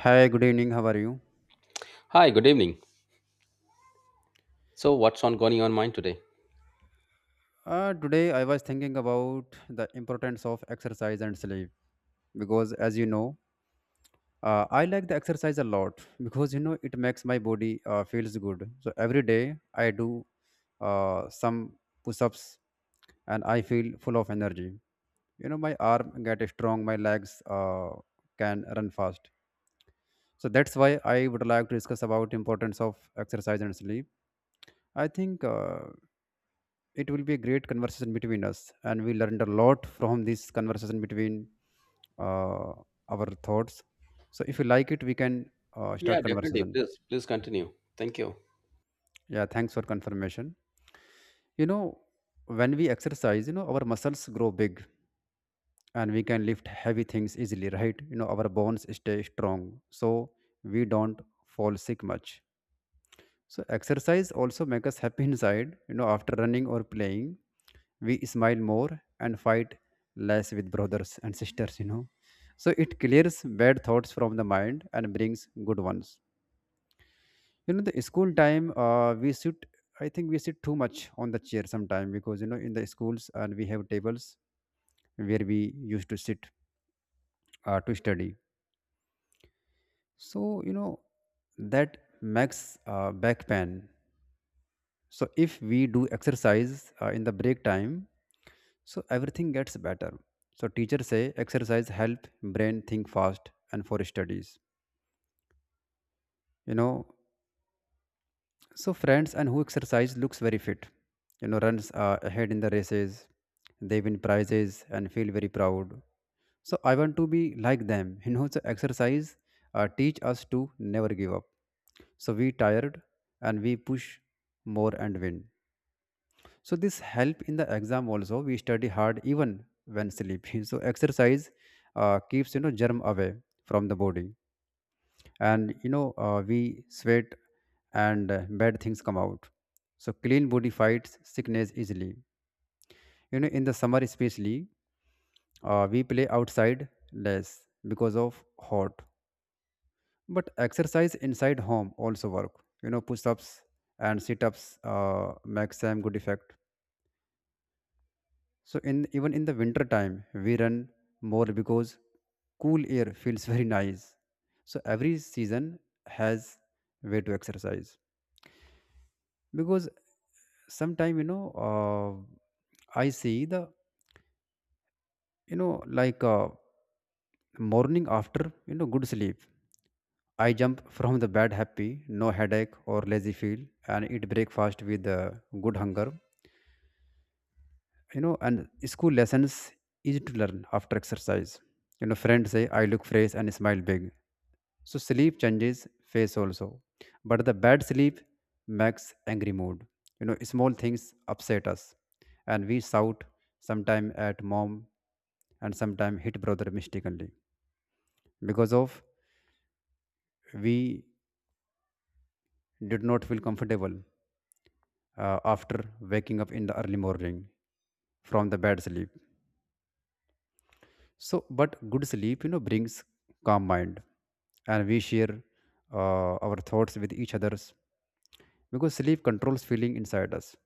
Hi, good evening. How are you? Hi, good evening. So, what's on going on mind today? Today I was thinking about the importance of exercise and sleep because, as you know, I like the exercise a lot because you know it makes my body feels good. So every day I do some push-ups, and I feel full of energy. You know, my arm get strong, my legs can run fast. So that's why I would like to discuss about importance of exercise and sleep, I think. It will be a great conversation between us, and we learned a lot from this conversation between uh, our thoughts. So if you like it, we can Yeah, start definitely. conversation. Please, please continue. Thank you. Yeah, thanks for confirmation. You know, when we exercise, you know, our muscles grow big, and we can lift heavy things easily, right? You know, our bones stay strong, so we don't fall sick much. So exercise also make us happy inside. You know, after running or playing, we smile more and fight less with brothers and sisters. You know, so it clears bad thoughts from the mind and brings good ones. You know, the school time, we sit. I think we sit too much on the chair sometime because you know in the schools, and we have tables where we used to sit to study. So you know that makes back pain. So if we do exercise in the break time, so everything gets better. So teachers say exercise help brain think fast and for studies. You know, so friends and who exercise looks very fit. You know, runs ahead in the races. They win prizes and feel very proud. So I want to be like them. You know, so exercise teach us to never give up. So we tired, and we push more and win. So this help in the exam also, we study hard even when sleepy. So exercise keeps you know germ away from the body, and you know we sweat, and bad things come out. So clean body fights sickness easily. You know, in the summer especially, we play outside less because of hot, but exercise inside home also work, you know, push-ups and sit-ups make same good effect. So in even in the winter time, we run more because cool air feels very nice. So every season has way to exercise because sometime you know I see the you know like uh, morning after you know good sleep, I jump from the bed happy, no headache or lazy feel, and eat breakfast with good hunger. You know, and school lessons easy to learn after exercise. You know, friends say I look fresh and smile big. So sleep changes face also, but the bad sleep makes angry mood. You know, small things upset us, and we shout sometime at mom, and sometime hit brother mistakenly because of we did not feel comfortable after waking up in the early morning from the bad sleep. So, but good sleep, you know, brings calm mind, and we share our thoughts with each others because sleep controls feeling inside us.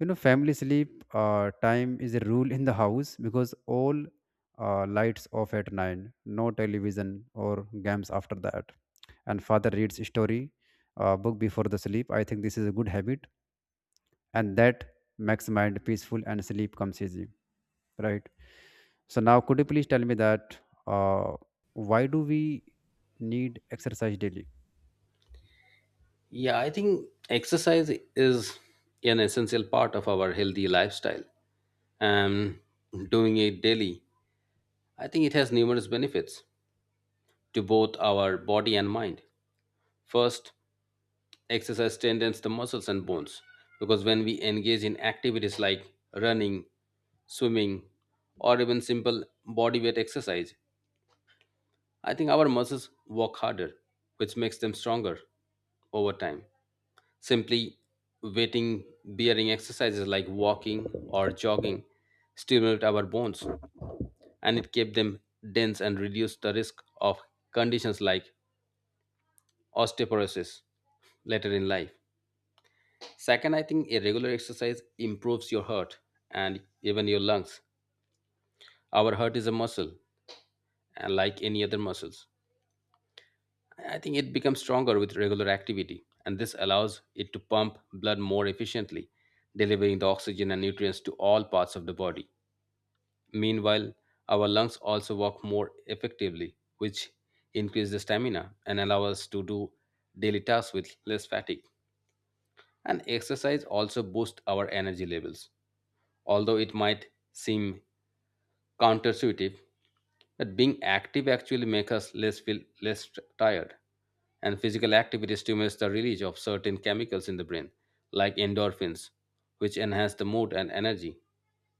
You know, family sleep time is a rule in the house because all lights off at 9, no television or games after that. And father reads story book before the sleep. I think this is a good habit, and that makes mind peaceful and sleep comes easy, right? So now, could you please tell me that uh, why do we need exercise daily? Yeah, I think exercise is an essential part of our healthy lifestyle, and doing it daily, I think it has numerous benefits to both our body and mind. First, exercise strengthens the muscles and bones because when we engage in activities like running, swimming, or even simple body weight exercise, I think our muscles work harder, which makes them stronger over time. Simply weighting bearing exercises like walking or jogging stimulate our bones and it kept them dense and reduced the risk of conditions like osteoporosis later in life. Second, I think a regular exercise improves your heart and even your lungs. Our heart is a muscle and like any other muscles. I think it becomes stronger with regular activity, and this allows it to pump blood more efficiently, delivering the oxygen and nutrients to all parts of the body. Meanwhile, our lungs also work more effectively, which increase the stamina and allow us to do daily tasks with less fatigue. And exercise also boosts our energy levels. Although it might seem counterintuitive that being active actually makes us less feel less tired and physical activity stimulates the release of certain chemicals in the brain like endorphins which enhance the mood and energy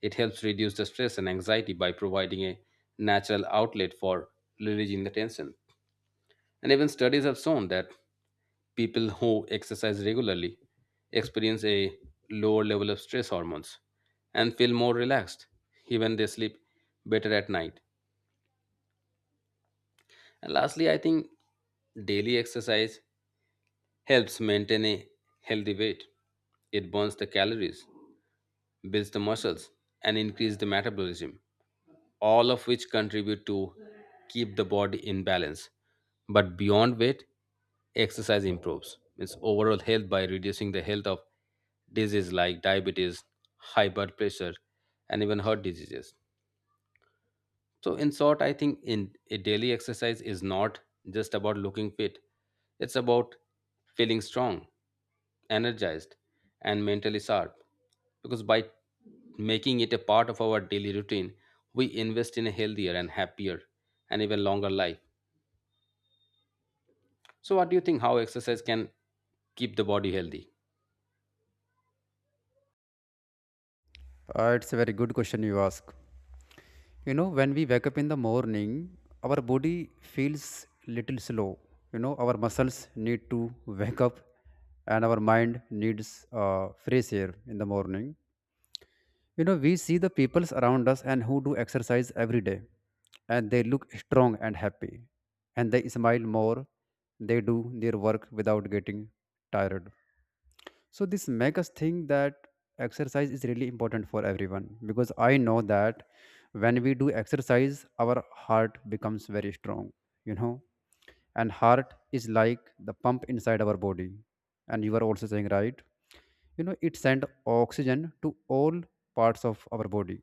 it helps reduce the stress and anxiety by providing a natural outlet for releasing the tension and even studies have shown that people who exercise regularly experience a lower level of stress hormones and feel more relaxed, even they sleep better at night. And lastly, I think daily exercise helps maintain a healthy weight. It burns the calories builds the muscles, and increase the metabolism, all of which contribute to keep the body in balance. But beyond weight, exercise improves its overall health by reducing the health of diseases like diabetes, high blood pressure, and even heart diseases. So, in short, I think in a daily exercise is not just about looking fit. It's about feeling strong, energized, and mentally sharp. Because by making it a part of our daily routine, we invest in a healthier and happier and even longer life. So, what do you think? How exercise can keep the body healthy? It's a very good question you ask. You know, when we wake up in the morning, our body feels little slow. You know, our muscles need to wake up, and our mind needs fresh air in the morning. You know, we see the peoples around us and who do exercise every day, and they look strong and happy, and they smile more. They do their work without getting tired. So this makes us think that exercise is really important for everyone because I know that when we do exercise, our heart becomes very strong. You know, and heart is like the pump inside our body, and you are also saying right. You know, it sends oxygen to all parts of our body.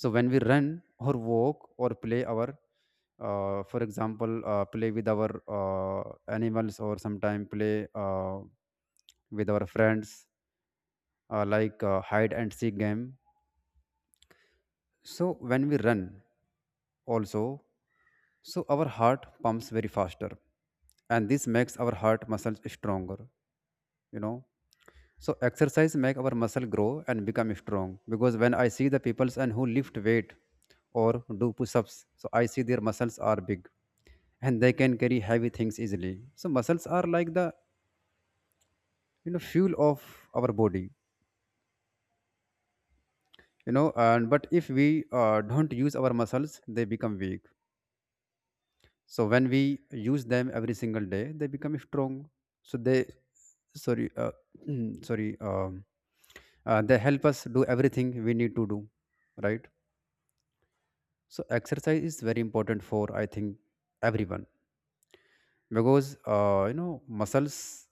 So when we run or walk or play our for example play with our animals, or sometime play with our friends hide and seek game. So when we run also, so our heart pumps very faster, and this makes our heart muscles stronger, you know. So exercise make our muscle grow and become strong because when I see the peoples and who lift weight or do push-ups, so I see their muscles are big, and they can carry heavy things easily. So muscles are like the you know fuel of our body, you know. And but if we don't use our muscles, they become weak. So when we use them every single day, they become strong. So they sorry sorry they help us do everything we need to do, right? So exercise is very important for I think everyone because you know muscles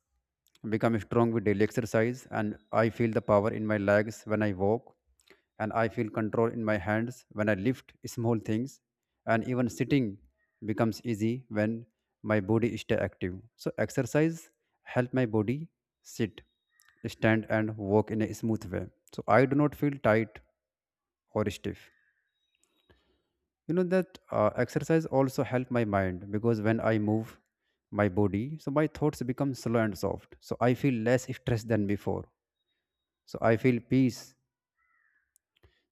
become strong with daily exercise, and I feel the power in my legs when I walk, and I feel control in my hands when I lift small things, and even sitting becomes easy when my body stay active. So exercise help my body sit, stand, and walk in a smooth way, so I do not feel tight or stiff. You know that exercise also help my mind because when I move my body, so my thoughts become slow and soft, so I feel less stressed than before. So I feel peace.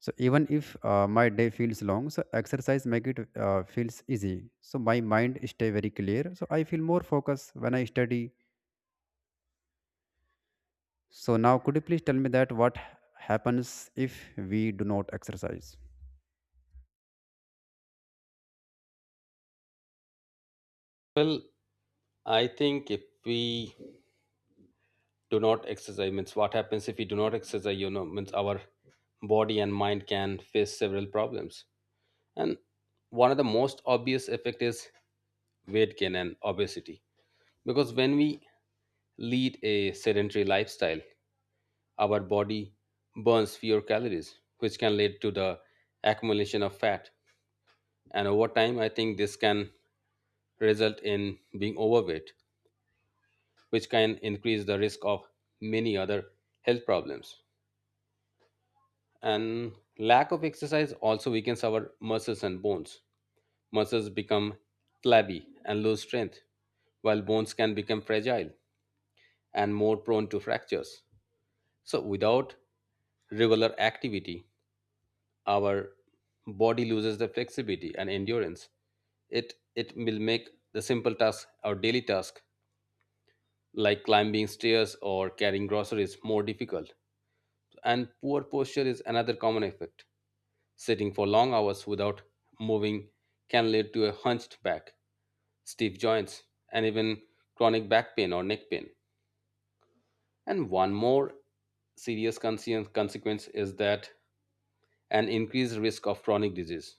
So even if my day feels long, so exercise make it feels easy. So my mind stay very clear, so I feel more focused when I study. So now could you please tell me that what happens if we do not exercise? Well, I think if we do not exercise, means what happens if we do not exercise? You know, means our body and mind can face several problems. And one of the most obvious effect is weight gain and obesity. Because when we lead a sedentary lifestyle, our body burns fewer calories, which can lead to the accumulation of fat. And over time, I think this can result in being overweight, which can increase the risk of many other health problems. And lack of exercise also weakens our muscles and bones. Muscles become flabby and lose strength, while bones can become fragile and more prone to fractures. So, without regular activity, our body loses the flexibility and endurance. It will make the simple task, our daily task, like climbing stairs or carrying groceries, more difficult. And poor posture is another common effect. Sitting for long hours without moving can lead to a hunched back, stiff joints, and even chronic back pain or neck pain. And one more serious consequence is that an increased risk of chronic disease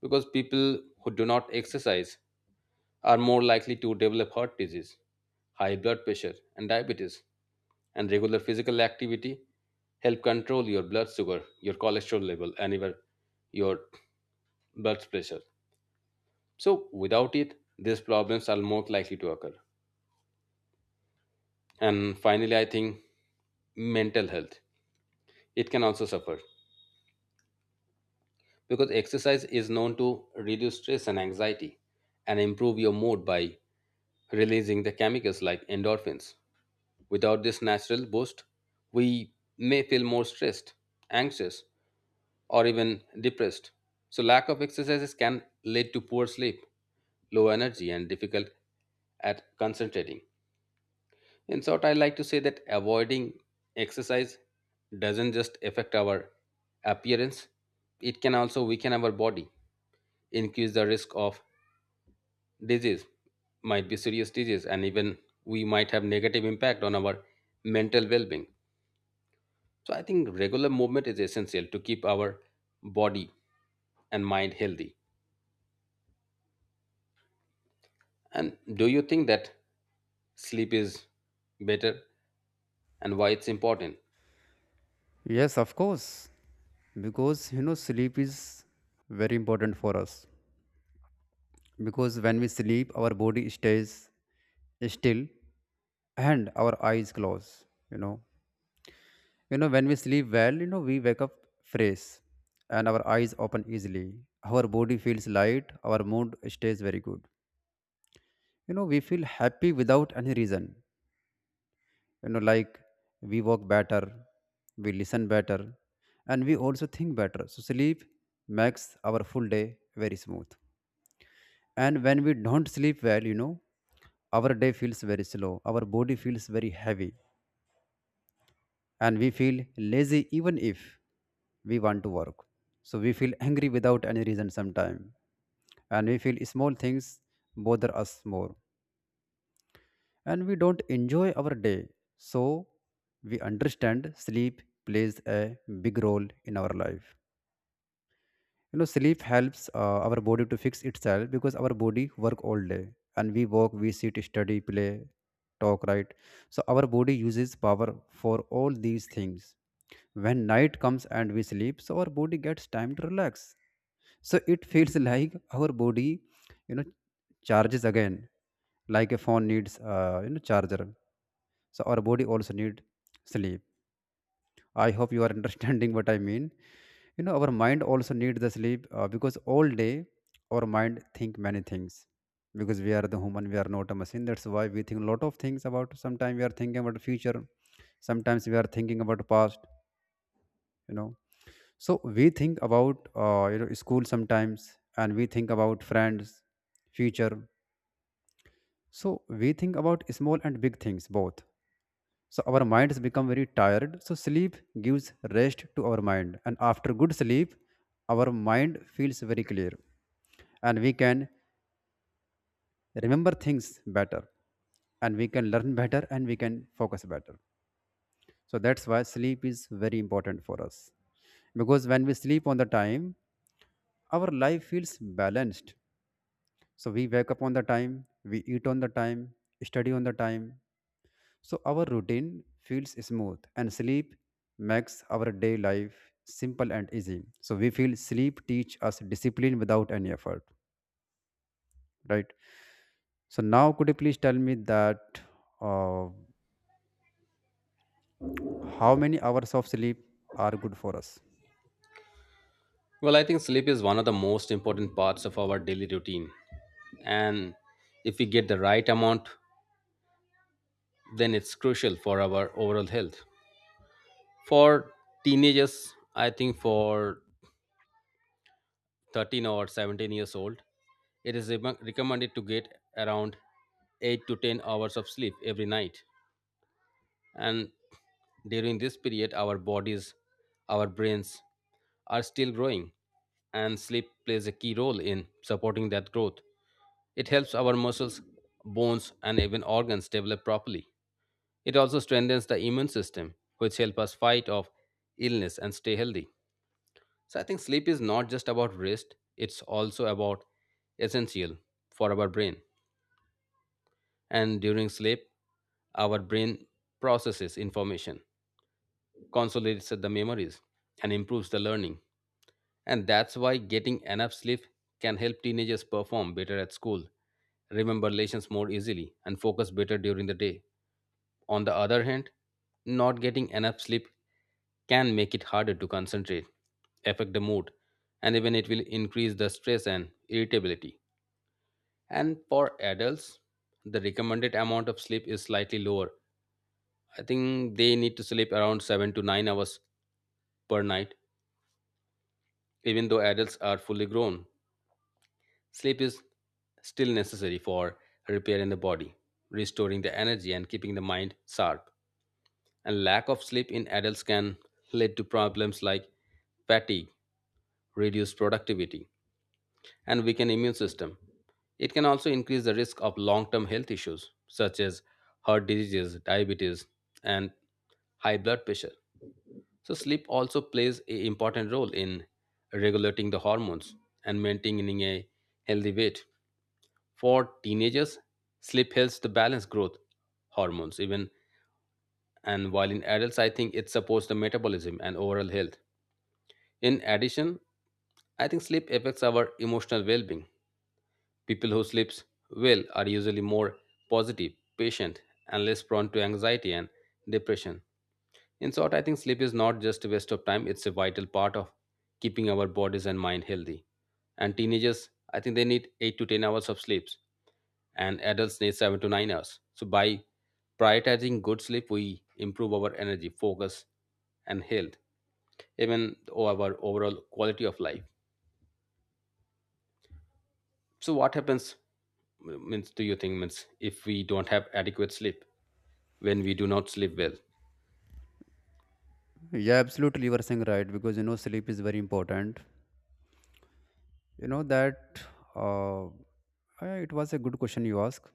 because people who do not exercise are more likely to develop heart disease, high blood pressure, and diabetes. And regular physical activity help control your blood sugar, your cholesterol level, and even your blood pressure. So without it, these problems are more likely to occur. And finally, I think mental health it can also suffer because exercise is known to reduce stress and anxiety and improve your mood by releasing the chemicals like endorphins without this natural boost we may feel more stressed, anxious, or even depressed. So lack of exercises can lead to poor sleep, low energy, and difficult at concentrating. In short, I like to say that avoiding exercise doesn't just affect our appearance, it can also weaken our body, increase the risk of disease, might be serious disease, and even we might have negative impact on our mental well-being. So I think regular movement is essential to keep our body and mind healthy. And do you think that sleep is better and why it's important? Yes, of course, because you know sleep is very important for us because when we sleep, our body stays still, and our eyes close, you know. You know, when we sleep well, you know, we wake up fresh, and our eyes open easily, our body feels light, our mood stays very good. You know, we feel happy without any reason. You know, like, we walk better, we listen better, and we also think better. So sleep makes our full day very smooth. And when we don't sleep well, you know, our day feels very slow, our body feels very heavy, and we feel lazy even if we want to work. So we feel angry without any reason sometimes, and we feel small things bother us more, and we don't enjoy our day. So we understand sleep plays a big role in our life. You know, sleep helps our body to fix itself because our body work all day, and we walk, we sit, study, play, talk, right? So our body uses power for all these things. When night comes and we sleep, so our body gets time to relax. So it feels like our body, you know, charges again, like a phone needs, you know, charger. So our body also need sleep. I hope you are understanding what I mean. You know, our mind also needs the sleep because all day our mind think many things because we are the human, we are not a machine. That's why we think a lot of things about. Sometimes we are thinking about the future, sometimes we are thinking about the past. You know, so we think about you know school sometimes, and we think about friends, future. So we think about small and big things both. So our minds become very tired. So sleep gives rest to our mind. And after good sleep, our mind feels very clear. And we can remember things better. And we can learn better, and we can focus better. So that's why sleep is very important for us. Because when we sleep on the time, our life feels balanced. So we wake up on the time, we eat on the time, study on the time. So our routine feels smooth, and sleep makes our day life simple and easy. So we feel sleep teach us discipline without any effort, right? So now could you please tell me that uh, how many hours of sleep are good for us? Well, I think sleep is one of the most important parts of our daily routine. And if we get the right amount, then it's crucial for our overall health. For teenagers, I think for 13 or 17 years old, it is recommended to get around 8 to 10 hours of sleep every night. And during this period, our bodies, our brains, are still growing, and sleep plays a key role in supporting that growth. It helps our muscles, bones, and even organs develop properly. It also strengthens the immune system, which help us fight off illness and stay healthy. So I think sleep is not just about rest, it's also about essential for our brain. And during sleep, our brain processes information, consolidates the memories, and improves the learning. And that's why getting enough sleep can help teenagers perform better at school, remember lessons more easily, and focus better during the day. On the other hand, not getting enough sleep can make it harder to concentrate, affect the mood, and even it will increase the stress and irritability. And for adults, the recommended amount of sleep is slightly lower. I think they need to sleep around 7 to 9 hours per night, even though adults are fully grown. Sleep is still necessary for repair in the body, restoring the energy, and keeping the mind sharp. And lack of sleep in adults can lead to problems like fatigue, reduced productivity, and weakened immune system. It can also increase the risk of long-term health issues such as heart diseases, diabetes, and high blood pressure. So sleep also plays an important role in regulating the hormones and maintaining a healthy weight. For teenagers, sleep helps to balance growth hormones even, and while in adults I think it supports the metabolism and overall health. In addition, I think sleep affects our emotional well-being. People who sleep well are usually more positive, patient, and less prone to anxiety and depression. In short, I think sleep is not just a waste of time, it's a vital part of keeping our bodies and mind healthy. And teenagers, I think they need 8 to 10 hours of sleep, and adults need 7 to 9 hours. So, by prioritizing good sleep, we improve our energy, focus, and health, even our overall quality of life. So, what happens, means, do you think, means, if we don't have adequate sleep, when we do not sleep well? Yeah, absolutely you are saying right because you know sleep is very important. You know that uh, uh, it was a good question you asked.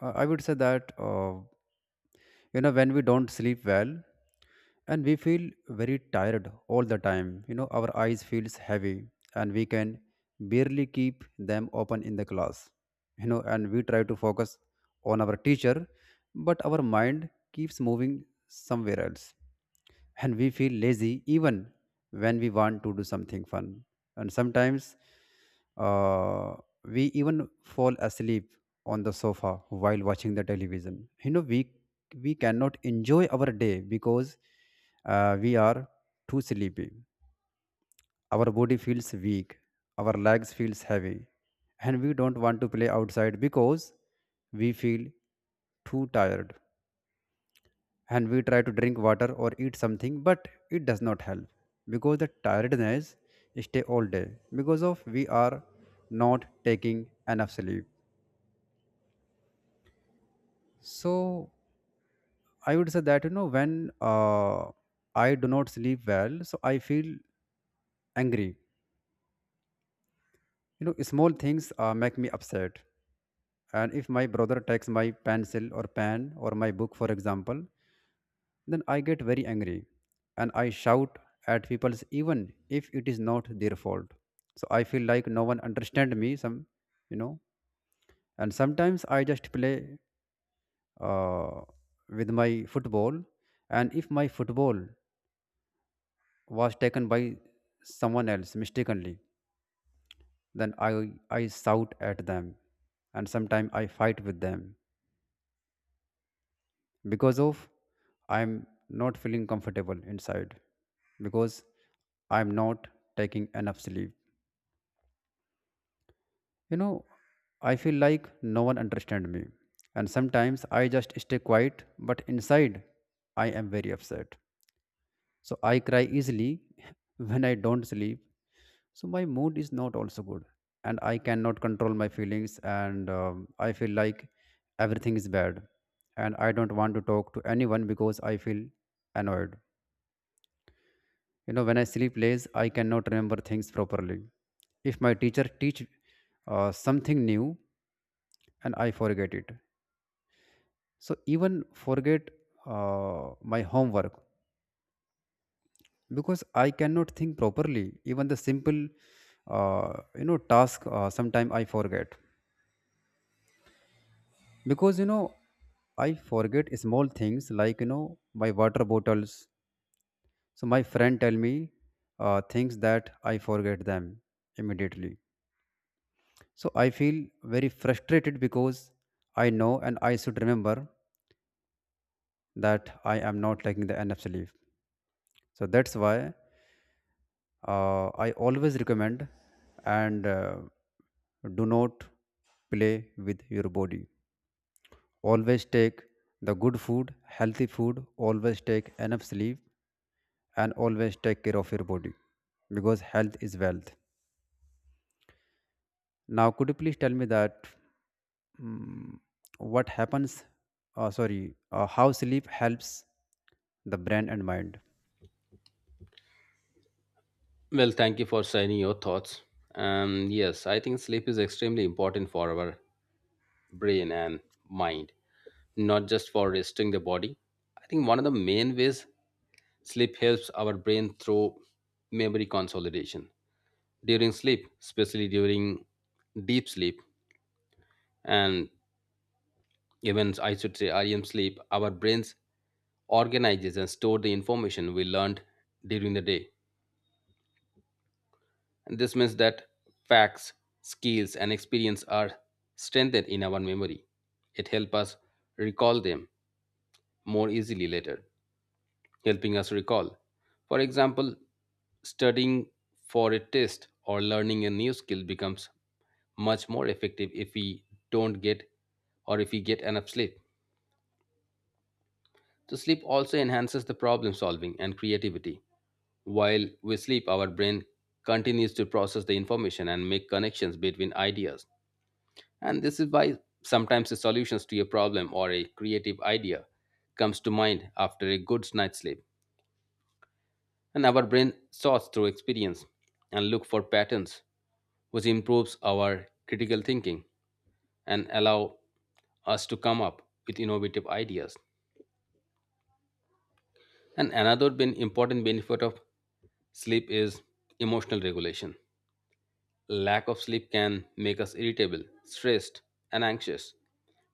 I would say that. You know, when we don't sleep well and we feel very tired all the time, you know, our eyes feels heavy and we can barely keep them open in the class. You know, and we try to focus on our teacher, but our mind keeps moving somewhere else, and we feel lazy even when we want to do something fun. And sometimes uh, we even fall asleep on the sofa while watching the television. You know, we cannot enjoy our day because we are too sleepy. Our body feels weak, our legs feels heavy, and we don't want to play outside because we feel too tired. And we try to drink water or eat something, but it does not help because the tiredness stay all day because of we are not taking enough sleep. So I would say that, you know, when I do not sleep well, so I feel angry. You know, small things make me upset, and if my brother takes my pencil or pen or my book, for example, then I get very angry and I shout at people even if it is not their fault. So I feel like no one understand me some, you know. And sometimes I just play uh, with my football, and if my football was taken by someone else mistakenly, then I shout at them, and sometimes I fight with them because of I'm not feeling comfortable inside because I'm not taking enough sleep. You know, I feel like no one understands me. And sometimes I just stay quiet, but inside I am very upset. So I cry easily when I don't sleep. So my mood is not also good. And I cannot control my feelings. And I feel like everything is bad. And I don't want to talk to anyone because I feel annoyed. You know, when I sleep less, I cannot remember things properly. If my teacher teach something new and I forget it, so even forget my homework because I cannot think properly. Even the simple you know task, sometime I forget because, you know, I forget small things like, you know, my water bottles. So my friend tell me things that I forget them immediately, so I feel very frustrated because I know and I should remember that I am not taking the enough sleep. So that's why I always recommend, and do not play with your body. Always take the good food, healthy food, always take enough sleep, and always take care of your body because health is wealth. Now, could you please tell me that, mm, what happens? Sorry, how sleep helps the brain and mind? Well, thank you for sharing your thoughts. Yes, I think sleep is extremely important for our brain and mind, not just for resting the body. I think one of the main ways sleep helps our brain through memory consolidation. During sleep, especially during deep sleep, and even I should say REM sleep, our brains organizes and store the information we learned during the day. This means that facts, skills, and experience are strengthened in our memory. It helps us recall them more easily later, helping us recall. For example, studying for a test or learning a new skill becomes much more effective if we don't get or if we get enough sleep. So, sleep also enhances the problem solving and creativity. While we sleep, our brain continues to process the information and make connections between ideas. And this is why sometimes the solutions to a problem or a creative idea comes to mind after a good night's sleep. And our brain sorts through experience and look for patterns which improves our critical thinking and allow us to come up with innovative ideas. And another important benefit of sleep is emotional regulation. Lack of sleep can make us irritable, stressed, and anxious.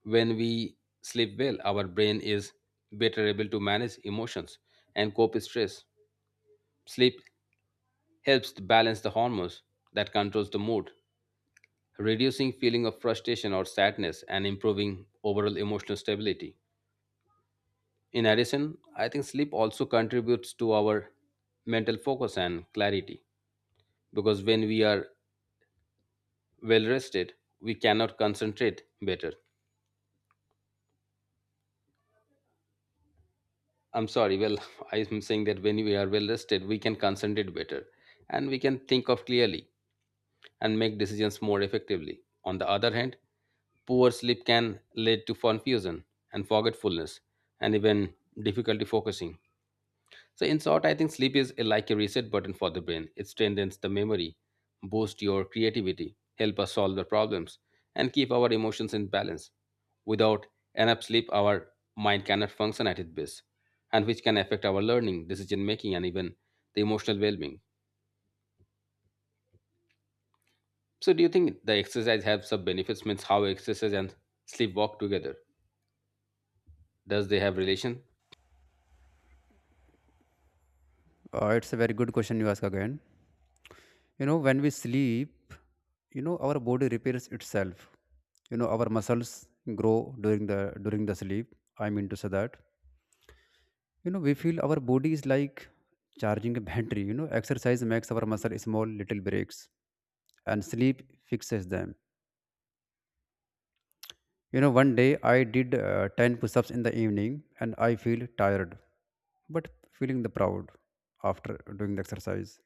When we sleep well, our brain is better able to manage emotions and cope with stress. Sleep helps to balance the hormones that controls the mood, reducing feeling of frustration or sadness and improving overall emotional stability. In addition, I think sleep also contributes to our mental focus and clarity because when we are well rested, we cannot concentrate better. I'm sorry. Well, I'm saying that when we are well rested, we can concentrate better and we can think of clearly and make decisions more effectively. On the other hand, poor sleep can lead to confusion and forgetfulness and even difficulty focusing. So, in short, I think sleep is like a reset button for the brain. It strengthens the memory, boosts your creativity, help us solve the problems, and keep our emotions in balance. Without enough sleep, our mind cannot function at its best, and which can affect our learning, decision making, and even the emotional well being. So, do you think the exercise has some benefits? Means how exercise and sleep walk together? Does they have relation? Uh, it's a very good question you ask again. You know, when we sleep, you know, our body repairs itself. You know, our muscles grow during the sleep. I mean to say that, you know, we feel our body is like charging a battery. You know, exercise makes our muscle small little breaks, and sleep fixes them. You know, one day I did 10 push-ups in the evening and I feel tired, but feeling the proud after doing the exercise,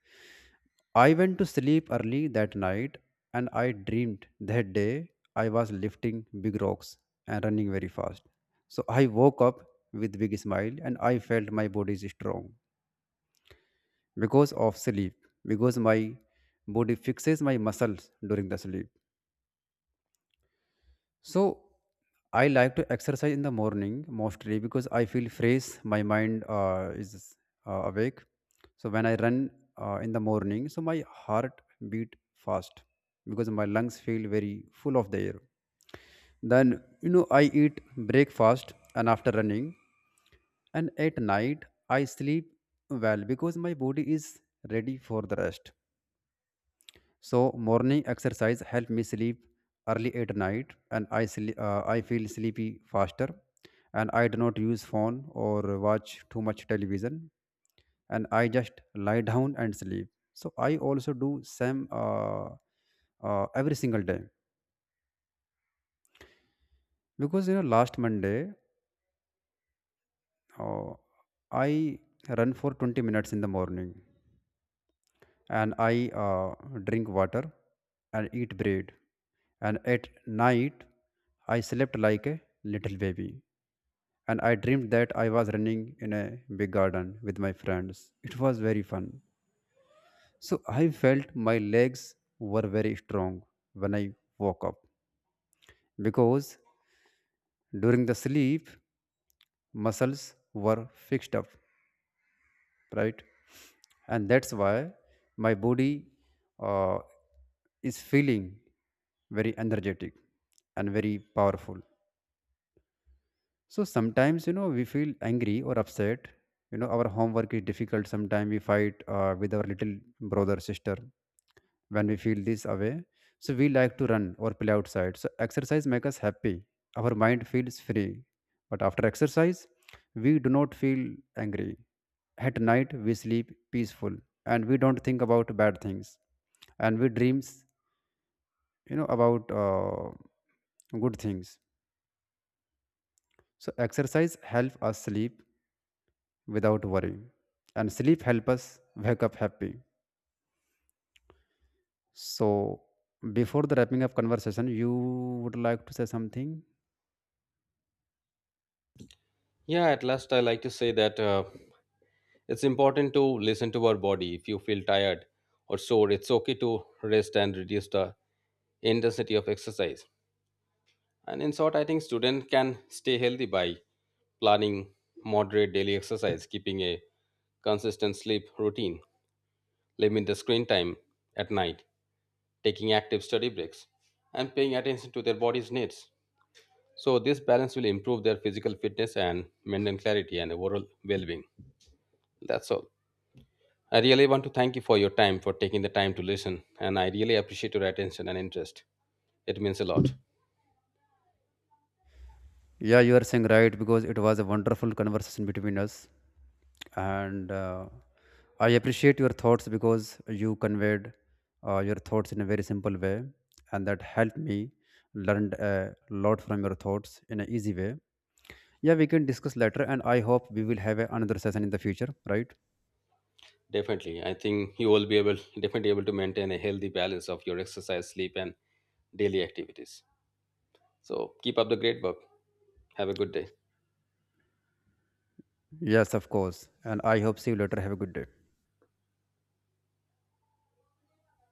I went to sleep early that night. And I dreamed that day I was lifting big rocks and running very fast. So I woke up with big smile and I felt my body is strong because of sleep, because my body fixes my muscles during the sleep. So I like to exercise in the morning mostly because I feel fresh. My mind is awake. So when I run in the morning, so my heart beat fast because my lungs feel very full of the air. Then, you know, I eat breakfast and after running, and at night I sleep well because my body is ready for the rest. So morning exercise help me sleep early at night, and I sleep, I feel sleepy faster, and I do not use phone or watch too much television, and I just lie down and sleep. So I also do same every single day because, you know, last Monday, uh, I run for 20 minutes in the morning, and I drink water and eat bread. And at night, I slept like a little baby. And I dreamed that I was running in a big garden with my friends. It was very fun. So I felt my legs were very strong when I woke up because during the sleep, muscles were fixed up, right? And that's why my body uh, is feeling very energetic and very powerful. So sometimes, you know, we feel angry or upset. You know, our homework is difficult. Sometimes we fight with our little brother, sister. When we feel this away, so we like to run or play outside. So exercise makes us happy. Our mind feels free. But after exercise, we do not feel angry. At night, we sleep peaceful and we don't think about bad things. And we dreams, you know, about good things. So exercise help us sleep without worry. And sleep help us wake up happy. So before the wrapping up conversation, you would like to say something? Yeah, at last I like to say that. It's important to listen to our body. If you feel tired or sore, it's okay to rest and reduce the intensity of exercise. And in short, I think students can stay healthy by planning moderate daily exercise, keeping a consistent sleep routine, limit the screen time at night, taking active study breaks, and paying attention to their body's needs. So this balance will improve their physical fitness and mental clarity and overall well-being. That's all. I really want to thank you for your time, for taking the time to listen, and I really appreciate your attention and interest. It means a lot. Yeah, you are saying right because it was a wonderful conversation between us, and I appreciate your thoughts because you conveyed your thoughts in a very simple way, and that helped me learned a lot from your thoughts in an easy way. Yeah, we can discuss later, and I hope we will have a another session in the future, right? Definitely, I think you will be able, definitely able to maintain a healthy balance of your exercise, sleep, and daily activities. So keep up the great work. Have a good day. Yes, of course. And I hope see you later. Have a good day.